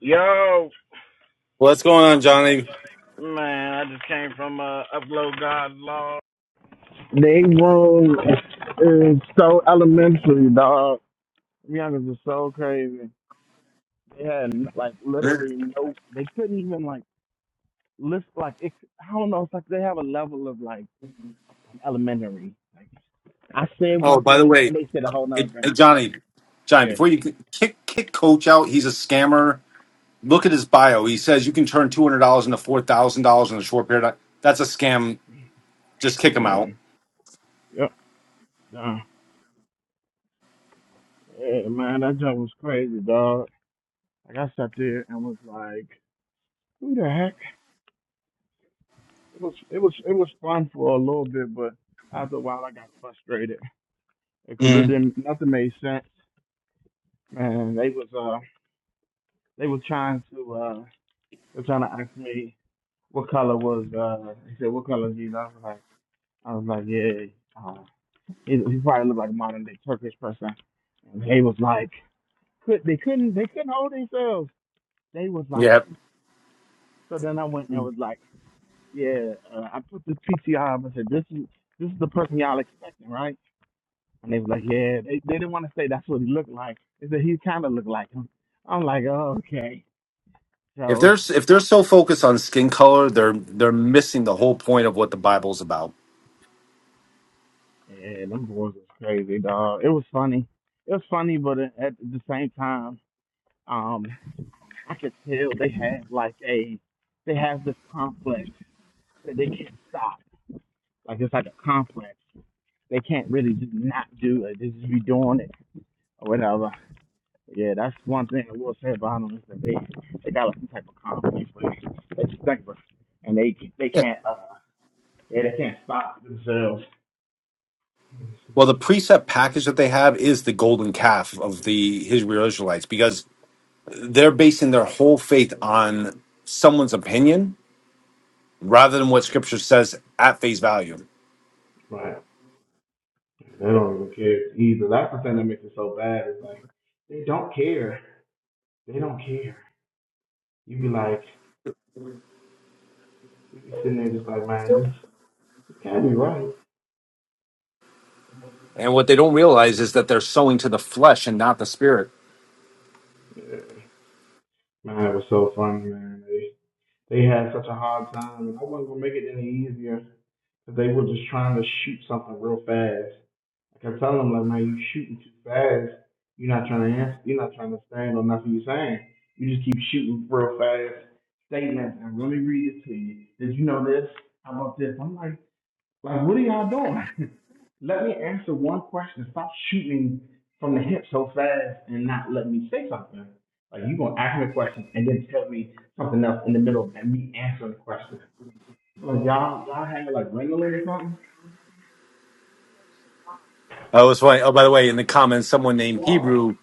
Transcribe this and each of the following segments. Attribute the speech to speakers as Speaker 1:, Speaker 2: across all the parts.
Speaker 1: Yo,
Speaker 2: What's going on, Johnny?
Speaker 1: man, I just came from uh, Upload God's Law. They room is so elementary, dog. Youngers are so crazy. They had like literally no. They couldn't even like list like it. I don't know. It's like they have a level of like elementary. I said one
Speaker 2: Oh, by the
Speaker 1: thing
Speaker 2: way,
Speaker 1: and they said a whole nother
Speaker 2: it,
Speaker 1: thing.
Speaker 2: it- Johnny, Johnny,
Speaker 1: Yeah,
Speaker 2: before you c- kick kick Coach out, he's a scammer. Look at his bio. He says you can turn two hundred dollars into four thousand dollars in a short period. of- That's a scam. Just kick him
Speaker 1: yeah,
Speaker 2: out.
Speaker 1: yep. Dog. Yeah, man, that joke was crazy, dog. Like I sat there and was like, "Who the heck?" It was it was it was fun for a little bit, but after a while I got frustrated because it
Speaker 2: Mm.
Speaker 1: didn't nothing made sense. Man, they was uh they were trying to uh they were trying to ask me what color was uh they said what color is you? I was like I was like yeah uh he, he probably looked like a modern day Turkish person. And they was like could they couldn't they couldn't hold themselves. They was like
Speaker 2: Yep.
Speaker 1: so then I went and was like yeah uh, I put the PTR up and said this is this is the person y'all expecting right? And they was like, yeah, they, they didn't want to say that's what he looked like. They said he kind of looked like him. I'm like, oh, okay.
Speaker 2: If
Speaker 1: So,
Speaker 2: they're s- if they're so focused on skin color, they're they're missing the whole point of what the Bible's about.
Speaker 1: yeah, them boys was crazy, dog. It was funny. It was funny, but at the same time, um, I could tell they had like a, they have this complex that they can't stop. Like it's like a complex. They can't really just not do it. They just be doing it or whatever. Yeah, that's one thing I will say about them is that they they got like some type of confidence where they, just think about it. and they they
Speaker 2: Yeah.
Speaker 1: can't uh yeah, they can't stop themselves.
Speaker 2: Well, the precept package that they have is the golden calf of the Hebrew Israelites because they're basing their whole faith on someone's opinion rather than what scripture says at face value.
Speaker 1: Right. They don't even care either. That's the thing that makes it so bad. Is like they don't care. They don't care. You be like, you be sitting there just like, man, this this can't be right.
Speaker 2: And what they don't realize is that they're sowing to the flesh and not the spirit.
Speaker 1: Yeah. Man, it was so funny, man. They they had such a hard time, and I wasn't gonna make it any easier. They were just trying to shoot something real fast, I kept telling him like, man, you shooting too fast. You're not trying to answer. You're not trying to stand on nothing you're saying. You just keep shooting real fast statements and really read it to you. Did you know this? How about this? I'm like, like, what are y'all doing? let me answer one question. Stop shooting from the hip so fast and not let me say something. Like you gonna ask me a question and then tell me something else in the middle and me answering the question. Like y'all, y'all had like wrangling or something.
Speaker 2: Oh, it was funny. Oh, by the way, in the comments, someone named Hebrew,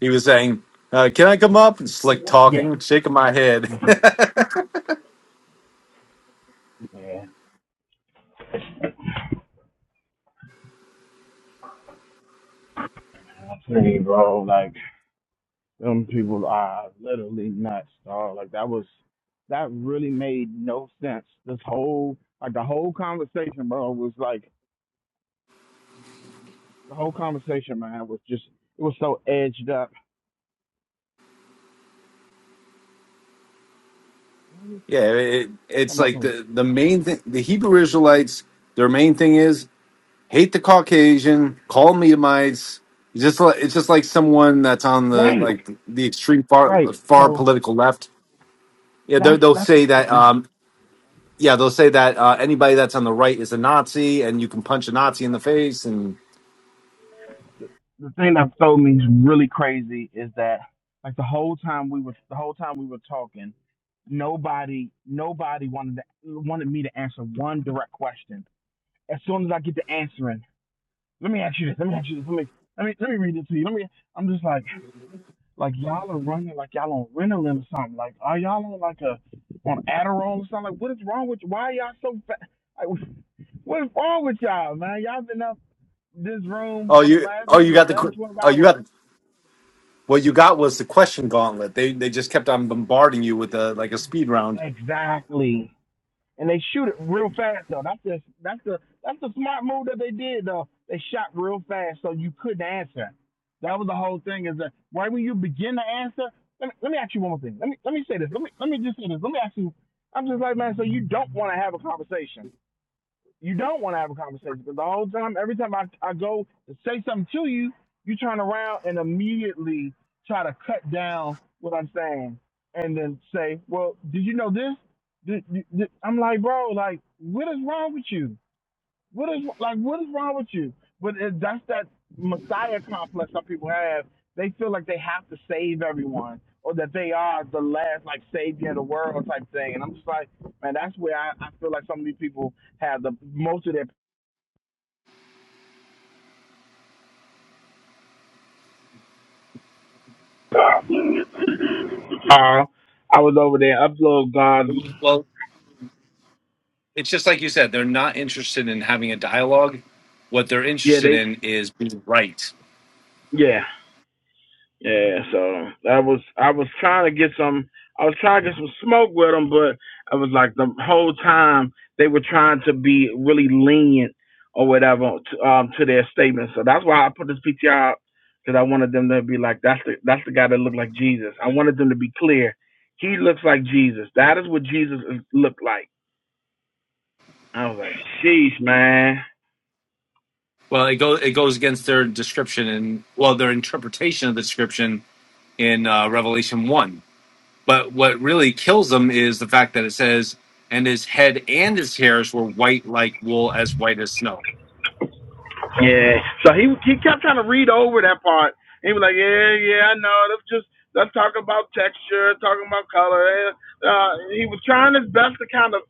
Speaker 2: he was saying, uh, "Can I come up?" And slick
Speaker 1: Yeah.
Speaker 2: talking, shaking my head.
Speaker 1: Yeah. I tell you, bro, like Them people are literally nuts, dog. Like that was that really made no sense. This whole like the whole conversation, bro, was like the whole conversation, man, was just it was so edged up.
Speaker 2: yeah, it, it's
Speaker 1: Talking about
Speaker 2: like
Speaker 1: some-
Speaker 2: the the main thing. The Hebrew Israelites, their main thing is hate the Caucasian, call them Edomites. It's Just like, it's just like someone that's on the
Speaker 1: Right,
Speaker 2: like the extreme far
Speaker 1: right.
Speaker 2: far
Speaker 1: So
Speaker 2: political left. Yeah, they'll
Speaker 1: that's
Speaker 2: they'll
Speaker 1: that's the
Speaker 2: say
Speaker 1: thing.
Speaker 2: that.
Speaker 1: And
Speaker 2: Um, yeah, they'll say that uh, anybody that's on the right is a Nazi, and you can punch a Nazi in the face. And
Speaker 1: The thing that throw me really crazy is that like the whole time we were the whole time we were talking, nobody nobody wanted to, wanted me to answer one direct question. As soon as I get to answering, Let me ask you this. Let me ask you this. Let me let me let me read it to you. Let me. I'm just like like y'all are running like y'all on Ritalin or something. Like are y'all on like a on Adderall or something? Like what is wrong with you? Why are y'all so fat? Like what is wrong with y'all, man? Y'all been up this room
Speaker 2: oh,
Speaker 1: for the
Speaker 2: you
Speaker 1: last
Speaker 2: oh you
Speaker 1: maybe
Speaker 2: got the
Speaker 1: 11,
Speaker 2: que-
Speaker 1: 12
Speaker 2: oh you
Speaker 1: hours.
Speaker 2: got what you got was the question gauntlet. They they just kept on bombarding you with a like a speed round.
Speaker 1: Exactly. and they shoot it real fast though. That's just that's the that's the smart move that they did though. They shot real fast so you couldn't answer. That was the whole thing is that right when you begin to answer, let me, let me ask you one more thing. Let me let me say this. Let me let me just say this. Let me ask you. I'm just like man, so you don't want to have a conversation you don't want to have a conversation because the whole time, every time I, I go to say something to you, you turn around and immediately try to cut down what I'm saying and then say, well, did you know this? Did, did, did- I'm like, bro, like, what is wrong with you? What is like? What is wrong with you? But it, that's that messiah complex some people have. They feel like they have to save everyone, or that they are the last like savior of the world type thing. And I'm just like, man, that's where I, I feel like some of these people have the most of their. Uh, I was over there, upload God.
Speaker 2: Well, it's just like you said. They're not interested in having a dialogue. What they're
Speaker 1: Yeah,
Speaker 2: interested
Speaker 1: they.
Speaker 2: in is being right.
Speaker 1: Yeah. Yeah, so that was I was trying to get some I was trying to get some smoke with them, but I was like the whole time they were trying to be really lenient or whatever to, um, to their statements. So that's why I put this PTR up because I wanted them to be like that's the that's the guy that looked like Jesus. I wanted them to be clear. He looks like Jesus. That is what Jesus looked like. I was like, sheesh, man.
Speaker 2: Well, it goes it goes against their description and well their interpretation of the description in uh, Revelation one. But what really kills them is the fact that it says, and his head and his hairs were white like wool, as white as snow.
Speaker 1: Yeah. So he he kept trying to read over that part. He was like, yeah, yeah, I know. That's just that's talking about texture, talking about color. Eh, Uh, he was trying his best to kind of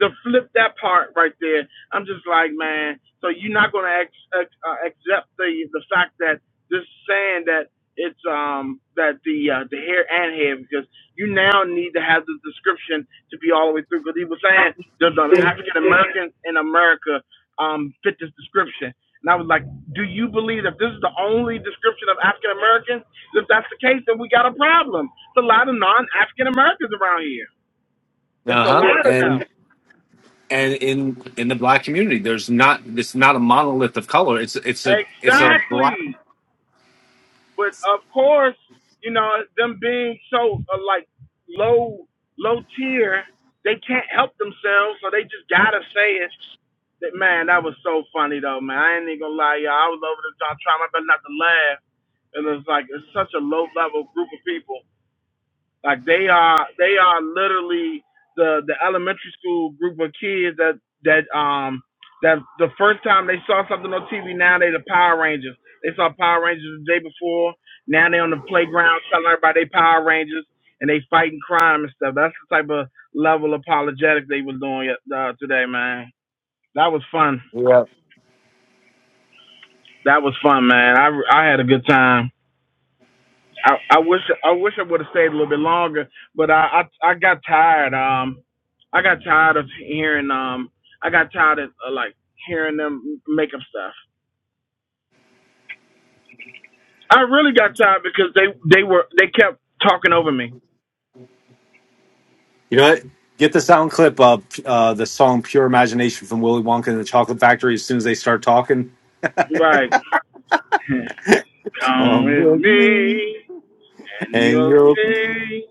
Speaker 1: to flip that part right there, I'm just like, man. So you're not gonna ex- ex- uh, accept the the fact that this saying that it's um that the uh, the hair and hair because you now need to have the description to be all the way through because he was saying the, the African Americans in America um fit this description. And I was like, do you believe that this is the only description of African Americans? If that's the case, then we got a problem. It's a lot of non African Americans around here.
Speaker 2: Uh
Speaker 1: It's a
Speaker 2: huh.
Speaker 1: lot of them.
Speaker 2: And and in in the black community, there's not it's not a monolith of color. It's it's a it's a black.
Speaker 1: Exactly. But of course, you know, them being so uh, like low low tier, they can't help themselves, so they just gotta say it. That man, that was so funny though, man. I ain't even gonna lie, y'all. I was over the top trying my best not to laugh. It was like it's such a low level group of people. Like they are they are literally the the elementary school group of kids that that um that the first time they saw something on TV now they the Power Rangers. They saw Power Rangers the day before. Now they on the playground telling everybody they Power Rangers and they fighting crime and stuff. That's the type of level apologetic they was doing uh, today, man. That was fun.
Speaker 2: Yeah.
Speaker 1: That was fun, man. I I had a good time. I, I wish I wish I would have stayed a little bit longer, but I, I I got tired. Um, I got tired of hearing. Um, I got tired of uh, like hearing them make up stuff. I really got tired because they they were they kept talking over me.
Speaker 2: You know what? Get the sound clip of uh, the song "Pure Imagination" from Willy Wonka and the Chocolate Factory. As soon as they start talking,
Speaker 1: Like, come
Speaker 2: come
Speaker 1: with
Speaker 2: with me
Speaker 1: me and
Speaker 2: and
Speaker 1: you'll
Speaker 2: you're.
Speaker 1: see.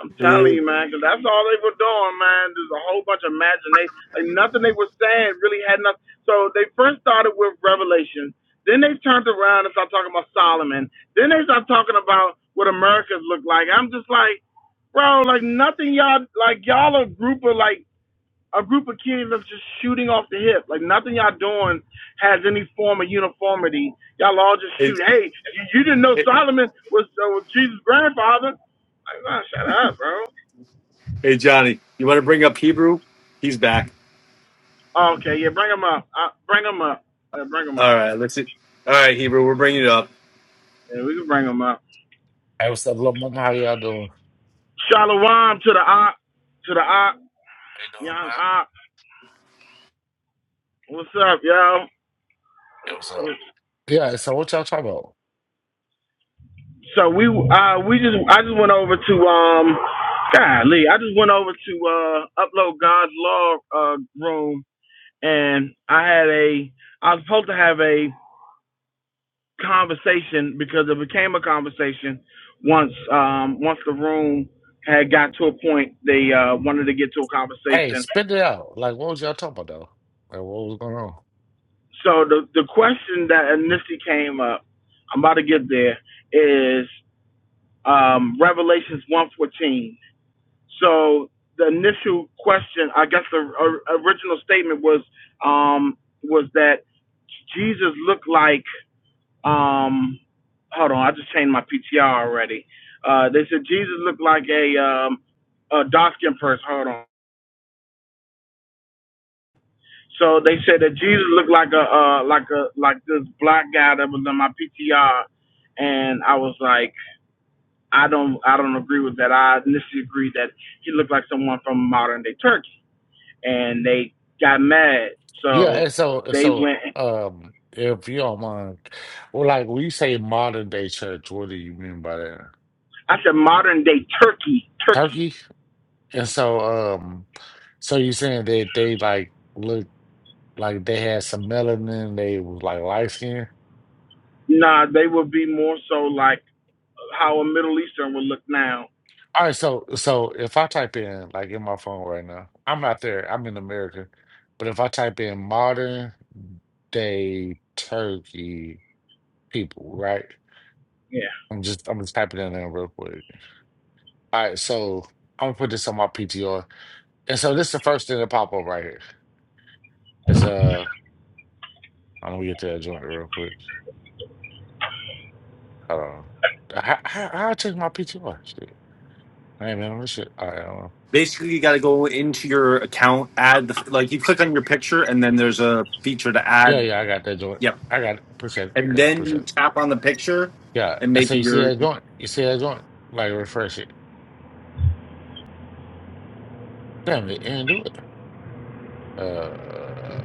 Speaker 1: I'm telling
Speaker 2: Hey,
Speaker 1: you, man. Cause that's all they were doing, man. There's a whole bunch of imagination. Like nothing they were saying really had nothing. So they first started with Revelation. Then they turned around and started talking about Solomon. Then they started talking about what America's look like. I'm just like, bro, like nothing y'all like y'all a group of like a group of kids that's just shooting off the hip. Like nothing y'all doing has any form of uniformity. Y'all all just
Speaker 2: hey,
Speaker 1: shoot. Hey, you, you didn't know Solomon was, uh, was Jesus' grandfather. Like, nah, shut up, bro.
Speaker 2: hey, Johnny, you want to bring up Hebrew? He's back.
Speaker 1: Oh, okay, yeah, bring him up. Uh, bring him up. Uh, bring him
Speaker 2: All
Speaker 1: up.
Speaker 2: right, let's see. All right, Hebrew, we're bringing it up.
Speaker 1: Yeah, we can bring him up.
Speaker 3: Hey, what's up, Lil Mama? How y'all doing? Hey,
Speaker 1: Shalom to the op, to the op,
Speaker 3: doing,
Speaker 1: young
Speaker 3: man?
Speaker 1: op. What's up, yo?
Speaker 3: Hey, what's up? Yeah, so what y'all talking about?
Speaker 1: So we uh we just I just went over to um golly I just went over to uh upload God's law uh room and I had a I was supposed to have a conversation because it became a conversation once um once the room had got to a point they uh wanted to get to a
Speaker 3: Hey,
Speaker 1: conversation
Speaker 3: spit it out. Like, what was y'all talking about, though? Like, what was going on?
Speaker 1: So the the question that initially came up, I'm about to get there, is um, Revelations one fourteen. So the initial question, I guess the or- original statement was um, was that Jesus looked like um, hold on, I just changed my PTR already. Uh, they said Jesus looked like a um, a dark skinned person. Hold on. So they said that Jesus looked like a uh, like a like this black guy that was on my PTR, and I was like, I don't I don't agree with that. I initially agreed that he looked like someone from modern day Turkey, and they got mad.
Speaker 3: Yeah,
Speaker 1: So
Speaker 3: and so, and
Speaker 1: they
Speaker 3: so,
Speaker 1: went.
Speaker 3: um, if you don't mind, well, like, when you say modern day church, what do you mean by that?
Speaker 1: I said modern day Turkey, Turkey.
Speaker 3: Turkey? And so, um, so you saying that they, like, look like they had some melanin, they was, like, light skin?
Speaker 1: Nah, they would be more so like how a Middle Eastern would look now.
Speaker 3: All right, so so if I type in like in my phone right now, I'm not there. I'm in America, but if I type in modern day Turkey people, right? I'm just I'm just typing in there real quick. All right, so I'm gonna put this on my PTR, and so this is the first thing that pop up right here. It's uh, I'm gonna get to that joint real quick. Hold on. How how, how I check my PTR? Shit, I ain't been on this shit. All right, hold on.
Speaker 2: Basically, you got to go into your account, add the like you click on your picture, and then there's a feature to
Speaker 3: yeah,
Speaker 2: add.
Speaker 3: yeah, I got that joint.
Speaker 2: Yep,
Speaker 3: I got it. Appreciate it.
Speaker 2: and
Speaker 3: Yeah,
Speaker 2: then you
Speaker 3: appreciate it.
Speaker 2: tap on the picture
Speaker 3: Yeah.
Speaker 2: and
Speaker 3: And
Speaker 2: make
Speaker 3: so you see
Speaker 2: your
Speaker 3: that joint. You see that joint. Like refresh it. Damn it, and do it. Uh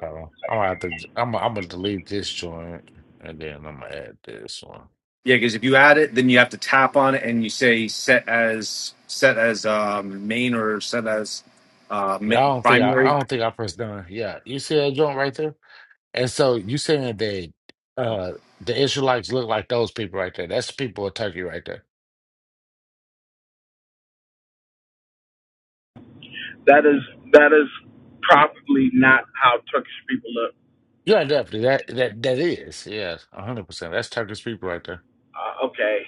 Speaker 3: I don't know. I'm gonna have to I'm gonna, I'm gonna delete this joint and then I'm gonna add this one.
Speaker 2: yeah. Because if you add it, then you have to tap on it and you say set as set as um, main or set as uh,
Speaker 3: Yeah, I
Speaker 2: mi-
Speaker 3: don't think I, I
Speaker 2: primary.
Speaker 3: don't think I pressed done. Yeah, you see that joint right there? And so you saying that uh the Israelites look like those people right there. That's the people of Turkey right there.
Speaker 1: That is that is probably not how Turkish people look.
Speaker 3: Yeah, definitely. That that that is. Yes, a hundred percent. That's Turkish people right there.
Speaker 1: Uh, okay,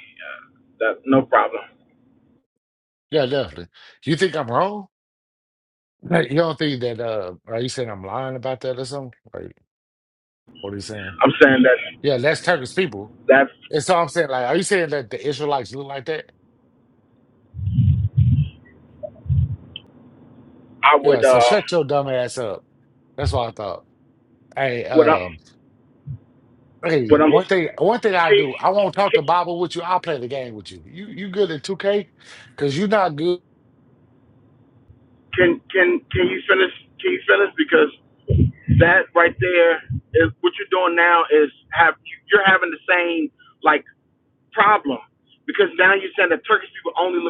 Speaker 1: that no problem.
Speaker 3: Yeah, definitely. You think I'm wrong? Now, you don't think that uh are you saying I'm lying about that or something? Like what are you saying?
Speaker 1: I'm saying that
Speaker 3: Yeah, that's Turkish people.
Speaker 1: That's
Speaker 3: And so I'm saying, like, are you saying that the Israelites look like that?
Speaker 1: I
Speaker 3: Yeah,
Speaker 1: would
Speaker 3: so
Speaker 1: um
Speaker 3: shut your dumb ass up. That's what I thought. Hey,
Speaker 1: what I'm
Speaker 3: um, hey,
Speaker 1: what I'm
Speaker 3: one thing one thing I
Speaker 1: can
Speaker 3: do, I won't talk the Bible with you, I'll play the game with you. You you good at 2K? Cause you're not good.
Speaker 1: can can can you finish can you finish because that right there is what you're doing now is have you're having the same like problem because now you're saying that Turkish people only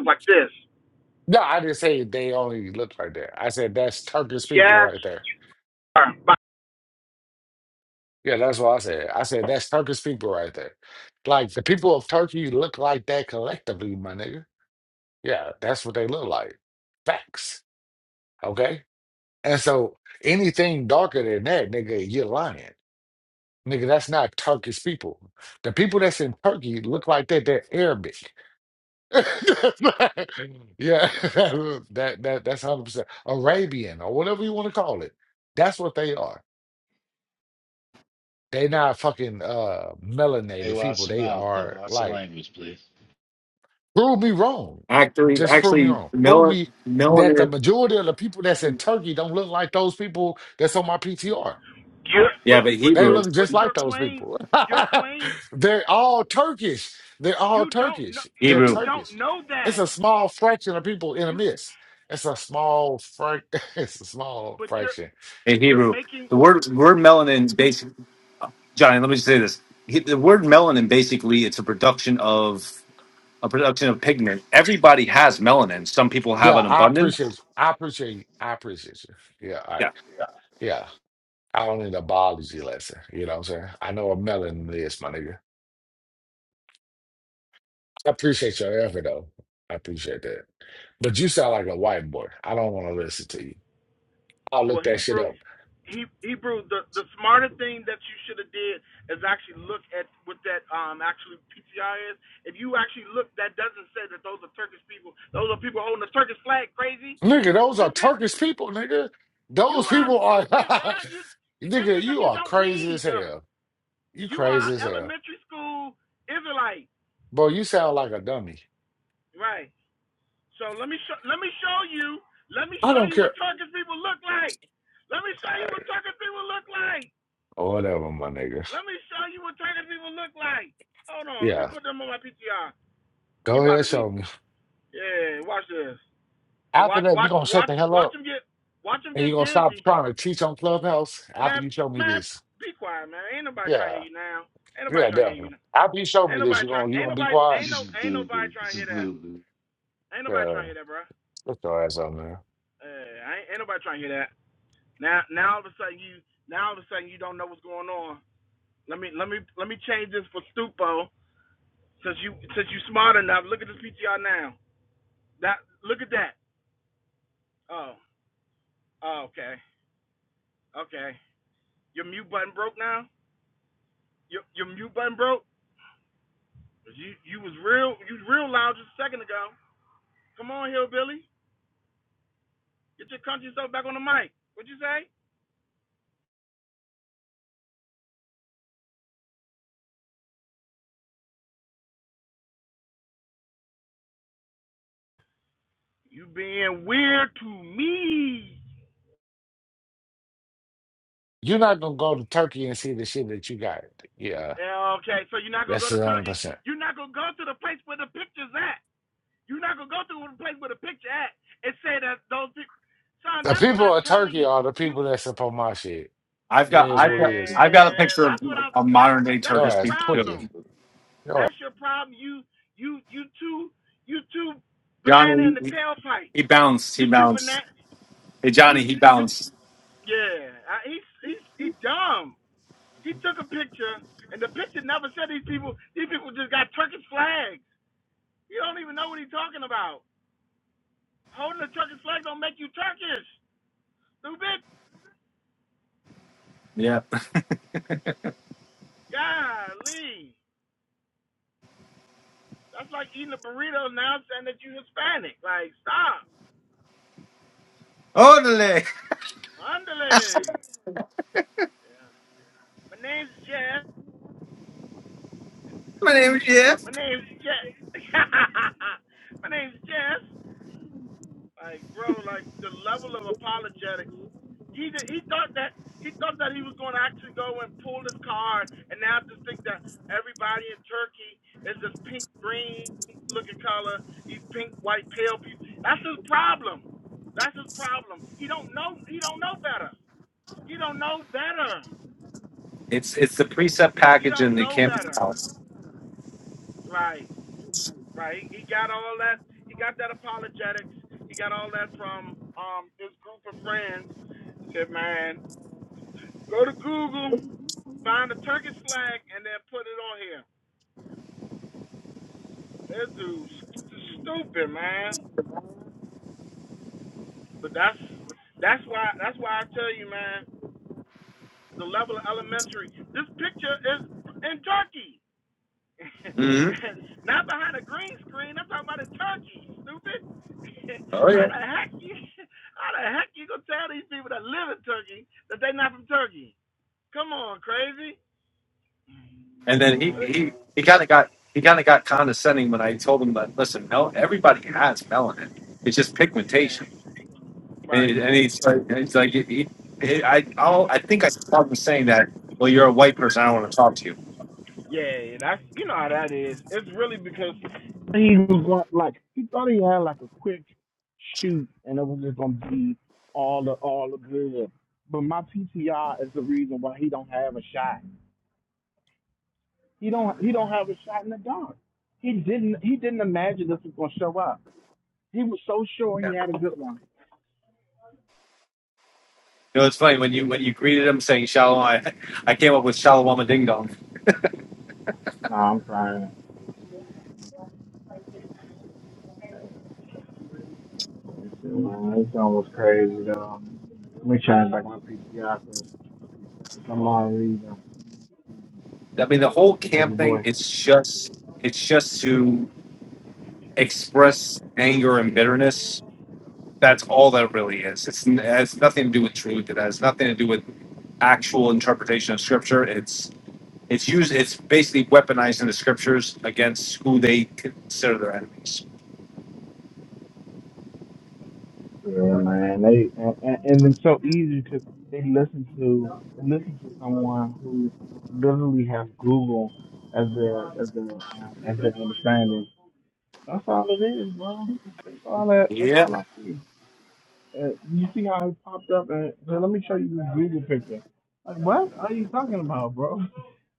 Speaker 3: No, I didn't say they only look like that. I said that's Turkish people
Speaker 1: yes
Speaker 3: right there.
Speaker 1: sir. But
Speaker 3: Yeah, that's what I said. I said that's Turkish people right there. Like the people of Turkey look like that collectively, my nigga. Yeah, that's what they look like. Facts. Okay? And so anything darker than that, nigga, you're lying. Nigga, that's not Turkish people. The people that's in Turkey look like that, they're Arabic. That's not- yeah, that, that that's 100% Arabian or whatever you want to call it. That's what they are. they not fucking uh
Speaker 4: Hey,
Speaker 3: melanated
Speaker 4: watch
Speaker 3: people.
Speaker 4: them
Speaker 3: They
Speaker 4: out, though.
Speaker 3: are
Speaker 4: Watch the
Speaker 3: like
Speaker 4: language, please.
Speaker 3: Prove me wrong.
Speaker 2: Actually,
Speaker 3: Just prove me
Speaker 2: actually,
Speaker 3: wrong. Prove
Speaker 2: melanin,
Speaker 3: me that the
Speaker 2: melanin.
Speaker 3: majority of the people that's in Turkey don't look like those people that's on my PTR.
Speaker 2: Yeah, but
Speaker 3: They
Speaker 2: Hebrew,
Speaker 3: look just like those people.
Speaker 1: your claim
Speaker 3: They're all Turkish. They're all
Speaker 1: you don't know
Speaker 3: Turkish. They're
Speaker 1: you
Speaker 2: Hebrew,
Speaker 1: don't
Speaker 3: Turkish.
Speaker 1: know
Speaker 3: It's
Speaker 1: that
Speaker 3: a small fraction of people in a
Speaker 1: you
Speaker 3: mist. It's a small frac. It's a small
Speaker 1: but you're
Speaker 3: fraction.
Speaker 2: hey
Speaker 1: you're
Speaker 2: Hebrew.
Speaker 1: making
Speaker 2: The word word melanin is basic. Johnny, let me just say this. He- The word melanin basically it's a production of a production of pigment. Everybody has melanin. Some people have
Speaker 3: Yeah,
Speaker 2: an
Speaker 3: I
Speaker 2: abundance.
Speaker 3: appreciate you. I appreciate you. I appreciate you. Yeah, all right.
Speaker 2: Yeah.
Speaker 3: Yeah, I don't need an biology lesson. You know what I'm saying? I know what melanin is, my nigga. I appreciate your effort though. I appreciate that. But you sound like a white boy. I don't want to listen to you. I'll
Speaker 1: well
Speaker 3: look that shit
Speaker 1: Hebrew
Speaker 3: up.
Speaker 1: smarter thing that you should is um actually PTI is if you actually look that. Turkish people. Those are people holding the Turkish flag. Crazy,
Speaker 3: Nigga, those are
Speaker 1: stupid.
Speaker 3: Turkish people, nigga.
Speaker 1: You
Speaker 3: Those
Speaker 1: are
Speaker 3: people are
Speaker 1: stupid, bro. You, you it's
Speaker 3: nigga,
Speaker 1: because
Speaker 3: you
Speaker 1: you
Speaker 3: are
Speaker 1: don't
Speaker 3: crazy as
Speaker 1: read. Uh,
Speaker 3: hell. You
Speaker 1: you are
Speaker 3: crazy as hell.
Speaker 1: elementary school Israelite,
Speaker 3: Bro, you sound like a dummy.
Speaker 1: right? So let me show let me show you let me
Speaker 3: I
Speaker 1: show
Speaker 3: don't
Speaker 1: you what
Speaker 3: care.
Speaker 1: Turkish people look like. Let me show
Speaker 3: All
Speaker 1: you what
Speaker 3: right,
Speaker 1: Turkish people look like.
Speaker 3: whatever, my nigga.
Speaker 1: Let me show you what Turkish people look like. Hold on, let me
Speaker 3: Yeah.
Speaker 1: put them on my PTR. You
Speaker 3: Go
Speaker 1: about
Speaker 3: ahead,
Speaker 1: to be
Speaker 3: show me.
Speaker 1: yeah. Watch this.
Speaker 3: After
Speaker 1: Watch
Speaker 3: that, you're
Speaker 1: watch
Speaker 3: gonna shut
Speaker 1: watch
Speaker 3: the hell
Speaker 1: watch
Speaker 3: up
Speaker 1: them get watch them
Speaker 3: and you're
Speaker 1: get
Speaker 3: gonna
Speaker 1: dizzy.
Speaker 3: stop trying to teach on Clubhouse after
Speaker 1: Man,
Speaker 3: you show me
Speaker 1: man,
Speaker 3: this.
Speaker 1: be quiet, man. Ain't nobody trying to
Speaker 3: Yeah.
Speaker 1: hear you now. Ain't nobody
Speaker 3: Yeah,
Speaker 1: trying to hear you
Speaker 3: definitely.
Speaker 1: now.
Speaker 3: After you show
Speaker 1: Ain't
Speaker 3: me this,
Speaker 1: nobody
Speaker 3: you're
Speaker 1: trying.
Speaker 3: gonna you
Speaker 1: Ain't
Speaker 3: gonna be
Speaker 1: nobody.
Speaker 3: quiet.
Speaker 4: This
Speaker 1: Ain't no.
Speaker 4: is
Speaker 1: Ain't nobody
Speaker 4: stupid.
Speaker 1: trying
Speaker 4: This
Speaker 1: to
Speaker 4: is
Speaker 1: hear that.
Speaker 4: stupid.
Speaker 1: Ain't nobody
Speaker 3: Yeah,
Speaker 1: trying to hear that, bro.
Speaker 3: put your ass on there.
Speaker 1: Uh, ain't, ain't nobody trying to hear that. Now, now all of a sudden you. Now all of a sudden you don't know what's going on. Let me. Let me. Let me change this for Stupo. Since you. Since you smart enough. Look at this PTR now. That. Look at that. Oh. Oh. Okay. Okay. Your mute button broke now. Your Your mute button broke. You. You was real. You was real loud just a second ago. Come on, hillbilly. Get your country stuff back on the mic. What'd you say?
Speaker 3: You're not gonna go to Turkey and see the shit that you got. Yeah,
Speaker 1: Yeah, okay, so you're not gonna go
Speaker 3: that's
Speaker 1: to
Speaker 3: a hundred
Speaker 1: Turkey.
Speaker 3: percent.
Speaker 1: You're not gonna go to the place where it's at. You're not gonna go to the place where the picture at and say that those people. Son,
Speaker 3: The
Speaker 1: that's what
Speaker 3: people of Turkey
Speaker 1: you
Speaker 3: are the
Speaker 1: you.
Speaker 3: people that support my shit.
Speaker 2: I've
Speaker 3: It
Speaker 2: got
Speaker 3: is
Speaker 2: I've
Speaker 3: what
Speaker 2: got
Speaker 3: it is.
Speaker 2: I've got a
Speaker 1: Man,
Speaker 2: picture of
Speaker 1: that's what I'm.
Speaker 2: a
Speaker 1: That's
Speaker 2: modern day
Speaker 1: that's
Speaker 3: Your
Speaker 1: your
Speaker 2: Turkish
Speaker 3: ass
Speaker 2: people too.
Speaker 3: tweaking.
Speaker 1: problem. That's your problem. You you you too you too banana in
Speaker 2: Johnny
Speaker 1: the
Speaker 2: he
Speaker 1: tailpipe.
Speaker 2: he bounced,
Speaker 1: You
Speaker 2: he
Speaker 1: too
Speaker 2: bounced.
Speaker 1: banana.
Speaker 2: Hey Johnny,
Speaker 1: You
Speaker 2: he
Speaker 1: you.
Speaker 2: bounced.
Speaker 1: Yeah, I, he's he's he dumb. He took a picture and the picture never said these people. These people just got Turkish flags. You don't even know what he's talking about. Holding a Turkish flag don't make you Turkish, stupid.
Speaker 2: Yeah.
Speaker 1: Golly, that's like eating a burrito now saying that you are Hispanic. Like, stop.
Speaker 2: Orderly.
Speaker 1: Underling. Yeah. My name's Jeff.
Speaker 2: My name is Jeff.
Speaker 1: My name's Jeff. My name's Jeff. Like, bro, like the level of apologetics. He did, he thought that he thought that he was going to actually go and pull his card, and now just think that everybody in Turkey is this pink green looking color. These pink white pale people. That's his problem. That's his problem. He don't know. He don't know better. He don't know better.
Speaker 2: It's it's the precept
Speaker 1: He
Speaker 2: package
Speaker 1: don't
Speaker 2: and it
Speaker 1: know
Speaker 2: can't be
Speaker 1: better.
Speaker 2: bounced.
Speaker 1: Right. Right. He got all that. He got that apologetics. He got all that from um his group of friends He said, man, Go to Google, find a Turkish flag, and then put it on here. That dude's stupid, man. But that's that's why that's why I tell you, man. The level of elementary. This picture is in Turkey,
Speaker 2: hmm
Speaker 1: not behind a green screen. I'm talking about in Turkey, stupid. how the heck you how the heck you gonna tell these people that live in Turkey that they not from Turkey? Come on, crazy.
Speaker 2: And then he he he kind of got he kind of got condescending when I told him that listen, no, everybody has melanin. It's just
Speaker 1: Yeah,
Speaker 2: pigmentation.
Speaker 1: right.
Speaker 2: And, and he's like, and he's like, he, he, he- I I'll, I think I saw him saying that. Well, you're a white person. I don't want to talk to you.
Speaker 1: Yeah, yeah, that's you know how that is. It's really because he was going like he thought he had like a quick shoot and it was just gonna be all the all the good. But my PTR is the reason why he don't have a shot. He don't he don't have a shot in the dark. He didn't he didn't imagine this was gonna show up. He was so sure
Speaker 2: Yeah.
Speaker 1: he had a good one.
Speaker 2: You know, it's funny when you when you greeted him saying shalom. I, I came up with shalom ding dong. I mean, the whole camp thing. It's just it's just to express anger and bitterness That's all that really is. It's, it has nothing to do with truth. It has nothing to do with actual interpretation of scripture. It's it's used. It's basically weaponizing the scriptures against who they consider their enemies.
Speaker 1: Yeah, man. They and, and, and it's so easy because they listen to they listen to someone who literally has Google as their as their um, as their understanding. That's all it is, bro. That's all that. That's
Speaker 2: Yeah.
Speaker 1: all I see. Uh, you see how it popped up? And so let me show you this Google picture. Like, what are you talking about, bro?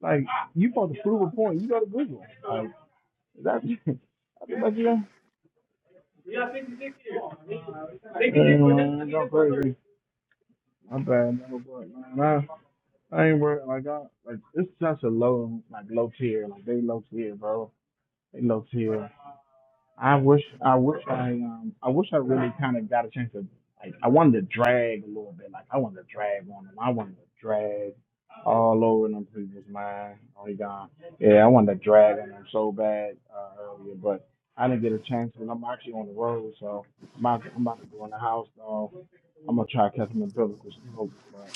Speaker 1: Like, you supposed to prove a point. You go to Google. Like, that. I think that's yeah. Yeah, man, go crazy. My bad, no, but man, I- I ain't worried. Like, I, like it's such a low, like low tier. Like they low tier, bro. They low tier. I wish, I wish I, um, I wish I really kind of got a chance to, like, I wanted to drag a little bit. Like, I wanted to drag on them. I wanted to drag all over them people's mind. Oh, he gone. Yeah, I wanted to drag on them so bad uh, earlier, but I didn't get a chance. And I'm actually on the road, so I'm about, I'm about to go in the house though. I'm gonna try to catch them in biblical smoke, but.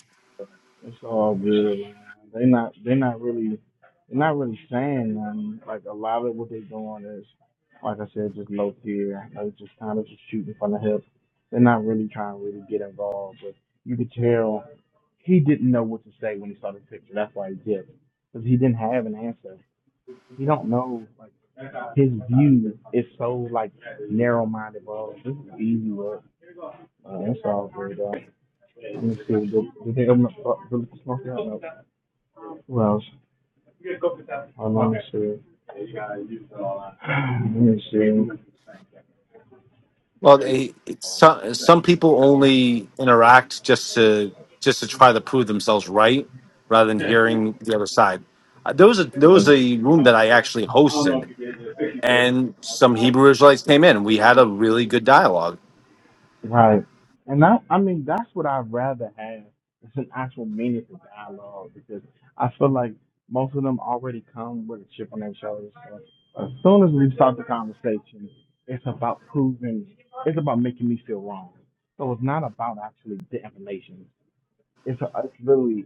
Speaker 1: It's all good, man. They not they not really they're not really saying nothing. Like a lot of what they doing is like I said, just low key, They just kind of just shooting from the hip. They're not really trying to really get involved, but you could tell he didn't know what to say when he saw the picture. That's why he did it. Because he didn't have an answer. He don't know like his view is so like narrow minded, bro. This is easy work. Uh, it's all good though. Let me see. Did, did they open up Bill Smoke? Who else? Go get that. I'm not okay. sure. Yeah, you gotta use it all out. Let me see.
Speaker 2: Well,
Speaker 1: Right.
Speaker 2: it, it's some some people only interact just to just to try to prove themselves right, rather than hearing the other side. Uh, There was a
Speaker 1: Yeah.
Speaker 2: there was a room that I actually
Speaker 1: I don't know if
Speaker 2: hosted,
Speaker 1: you did it,
Speaker 2: and
Speaker 1: I think
Speaker 2: some Hebrew Israelites came in. We
Speaker 1: Yeah, you
Speaker 2: had a
Speaker 1: worked on
Speaker 2: really good dialogue.
Speaker 1: it. Right. And that, I mean, that's what I'd rather have. It's an actual meaningful dialogue because I feel like most of them already come with a chip on their shoulders. So as soon as we start the conversation, it's about proving, it's about making me feel wrong. So it's not about actually the information. it's it's literally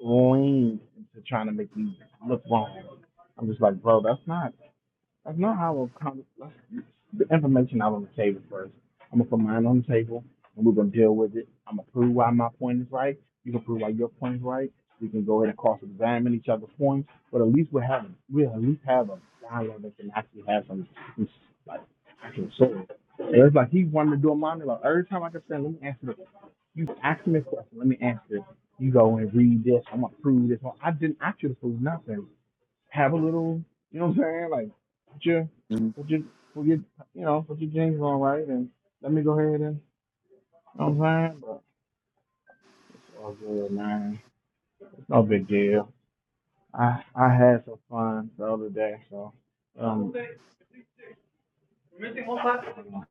Speaker 1: leaned into trying to make me look wrong. I'm just like, bro, that's not that's not how a con- that's, the information out on the table first. I'm gonna put mine on the table and we're gonna deal with it. I'm gonna prove why my point is right. You can prove why your point is right. We can go ahead and cross examine each other's points, but at least we're having we'll at least have a dialogue that can actually have some, some actual soul. And it's like he wanted to do a monologue. Every time I could say, let me answer this you ask me a question. Let me answer it. You go and read this. I'm gonna prove this. Well, I didn't. actually prove nothing. Have a little. You know what I'm saying? Like put your
Speaker 2: Mm,
Speaker 1: put your put your you know put your jeans on right and let me go ahead and. You know what I'm saying? But it's all good, man. It's no big deal. I I had some fun the other day, so um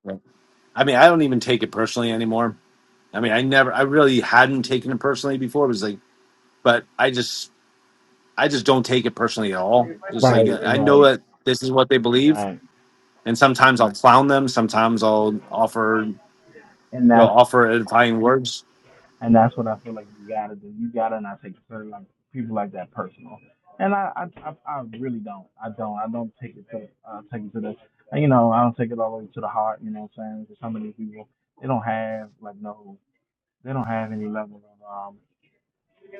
Speaker 2: yeah. I mean, I don't even take it personally anymore. I mean, I never, I really hadn't taken it personally before. It was like, but I just, I just don't take it personally at all. Just like
Speaker 1: right
Speaker 2: I know
Speaker 1: right
Speaker 2: that this is what they believe,
Speaker 1: right.
Speaker 2: and sometimes I'll clown them. Sometimes I'll offer, you
Speaker 1: And
Speaker 2: know,
Speaker 1: that's
Speaker 2: offer edifying words.
Speaker 1: And that's what I feel like you gotta do. You gotta not take certain like people like that personal. And I, I, I, I really don't. I don't. I don't take it to, uh, take it to the, you know, I don't take it all the way to the heart. You know what I'm saying? 'Cause some of these people, they don't have like no, they don't have any level of um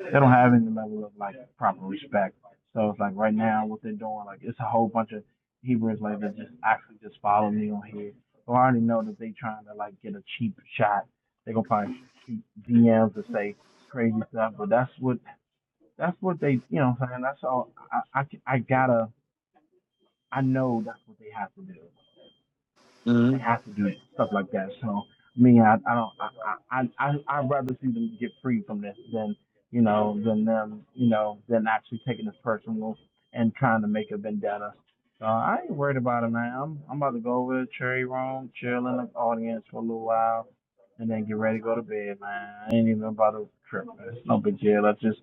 Speaker 1: they don't have any level of like proper respect. So it's like right now what they're doing, like it's a whole bunch of Hebrews like that just actually just follow me on here. So I already know that they trying to like get a cheap shot. They gonna probably shoot DMs to say crazy stuff, but that's what that's what they you know what I'm saying that's all I I, I gotta I know that's what they have to do. They
Speaker 2: hmm
Speaker 1: have to do it, stuff like that. So me, I, I don't, I, I, I, I- I'd rather see them get free from this than, you know, than them, you know, than actually taking this personal and trying to make a vendetta. So I ain't worried about it, man. I'm, I'm about to go over to Cherry Room, chill in the audience for a little while, and then get ready to go to bed, man. I ain't even about to trip. man. It's no big deal. I just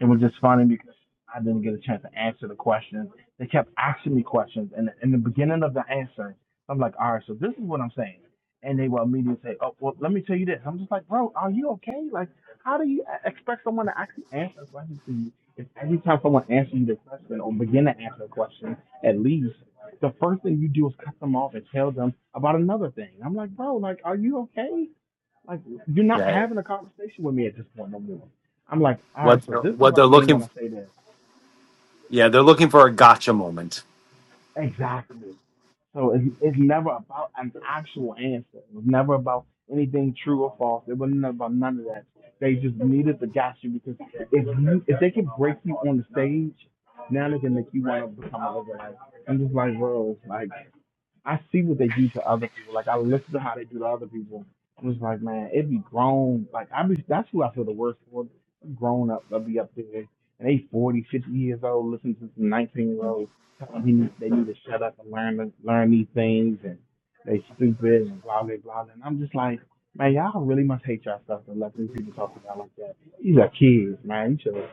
Speaker 1: it was just funny because I didn't get a chance to answer the questions. They kept asking me questions, and in the beginning of the answer, I'm like, all right, so this is what I'm saying. And they will immediately say, oh, well, let me tell you this. I'm just like, bro, are you okay? Like, how do you e-, expect someone to actually answer a question to you if every time someone answers you the question or begin to answer a question, at least the first thing you do is cut them off and tell them about another thing. I'm like, bro, like, are you okay? Like you're not
Speaker 2: Yeah,
Speaker 1: having a conversation with me at this point no more. I'm like, all right,
Speaker 2: what
Speaker 1: so
Speaker 2: they're,
Speaker 1: this is
Speaker 2: what
Speaker 1: what
Speaker 2: they're
Speaker 1: I mean when
Speaker 2: looking,
Speaker 1: I say that.
Speaker 2: yeah, they're looking for a gotcha moment.
Speaker 1: Exactly. So it's, it's never about an actual answer. It was never about anything true or false. It wasn't about none of that. They just needed to gas you because if you, if they can break you on the stage, now they can make you want to become a living. I'm just like, bro, it's like I see what they do to other people. Like I listen to how they do to other people. I'm just like, man, it be grown. Like I be that's who I feel the worst for. Grown up, they'll be up there and they 40, 50 years old, listening to some 19 year olds telling them they need to shut up and learn to learn these things and they stupid and blah blah blah. And I'm just like, man, y'all really must hate yourself to let these people talk to y'all like that. These are kids, man. You should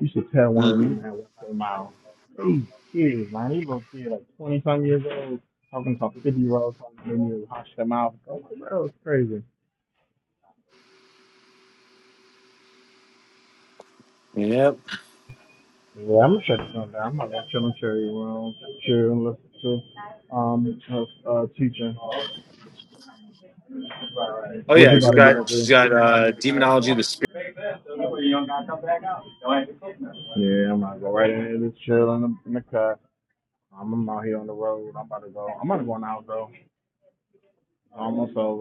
Speaker 1: you should tell one of
Speaker 2: hmm
Speaker 1: them that what's their mouth. These kids, man, these little kids like 20 some years old talking to 50 rows on the you hush them out. Go, "Oh, bro, it's crazy.
Speaker 2: Yep.
Speaker 1: Yeah, I'm gonna shut sure. down. I'm not gonna chill and cherry around, chill and listen to um uh, teaching.
Speaker 2: Oh
Speaker 1: What
Speaker 2: yeah,
Speaker 1: you
Speaker 2: she's
Speaker 1: about to
Speaker 2: got
Speaker 1: get
Speaker 2: she's
Speaker 1: into?
Speaker 2: got uh, demonology.
Speaker 1: Yeah, I'm gonna go right in here, just chill in the, in the car. Um, I'm out here on the road. I'm about to go. I'm about to go now though. Almost over.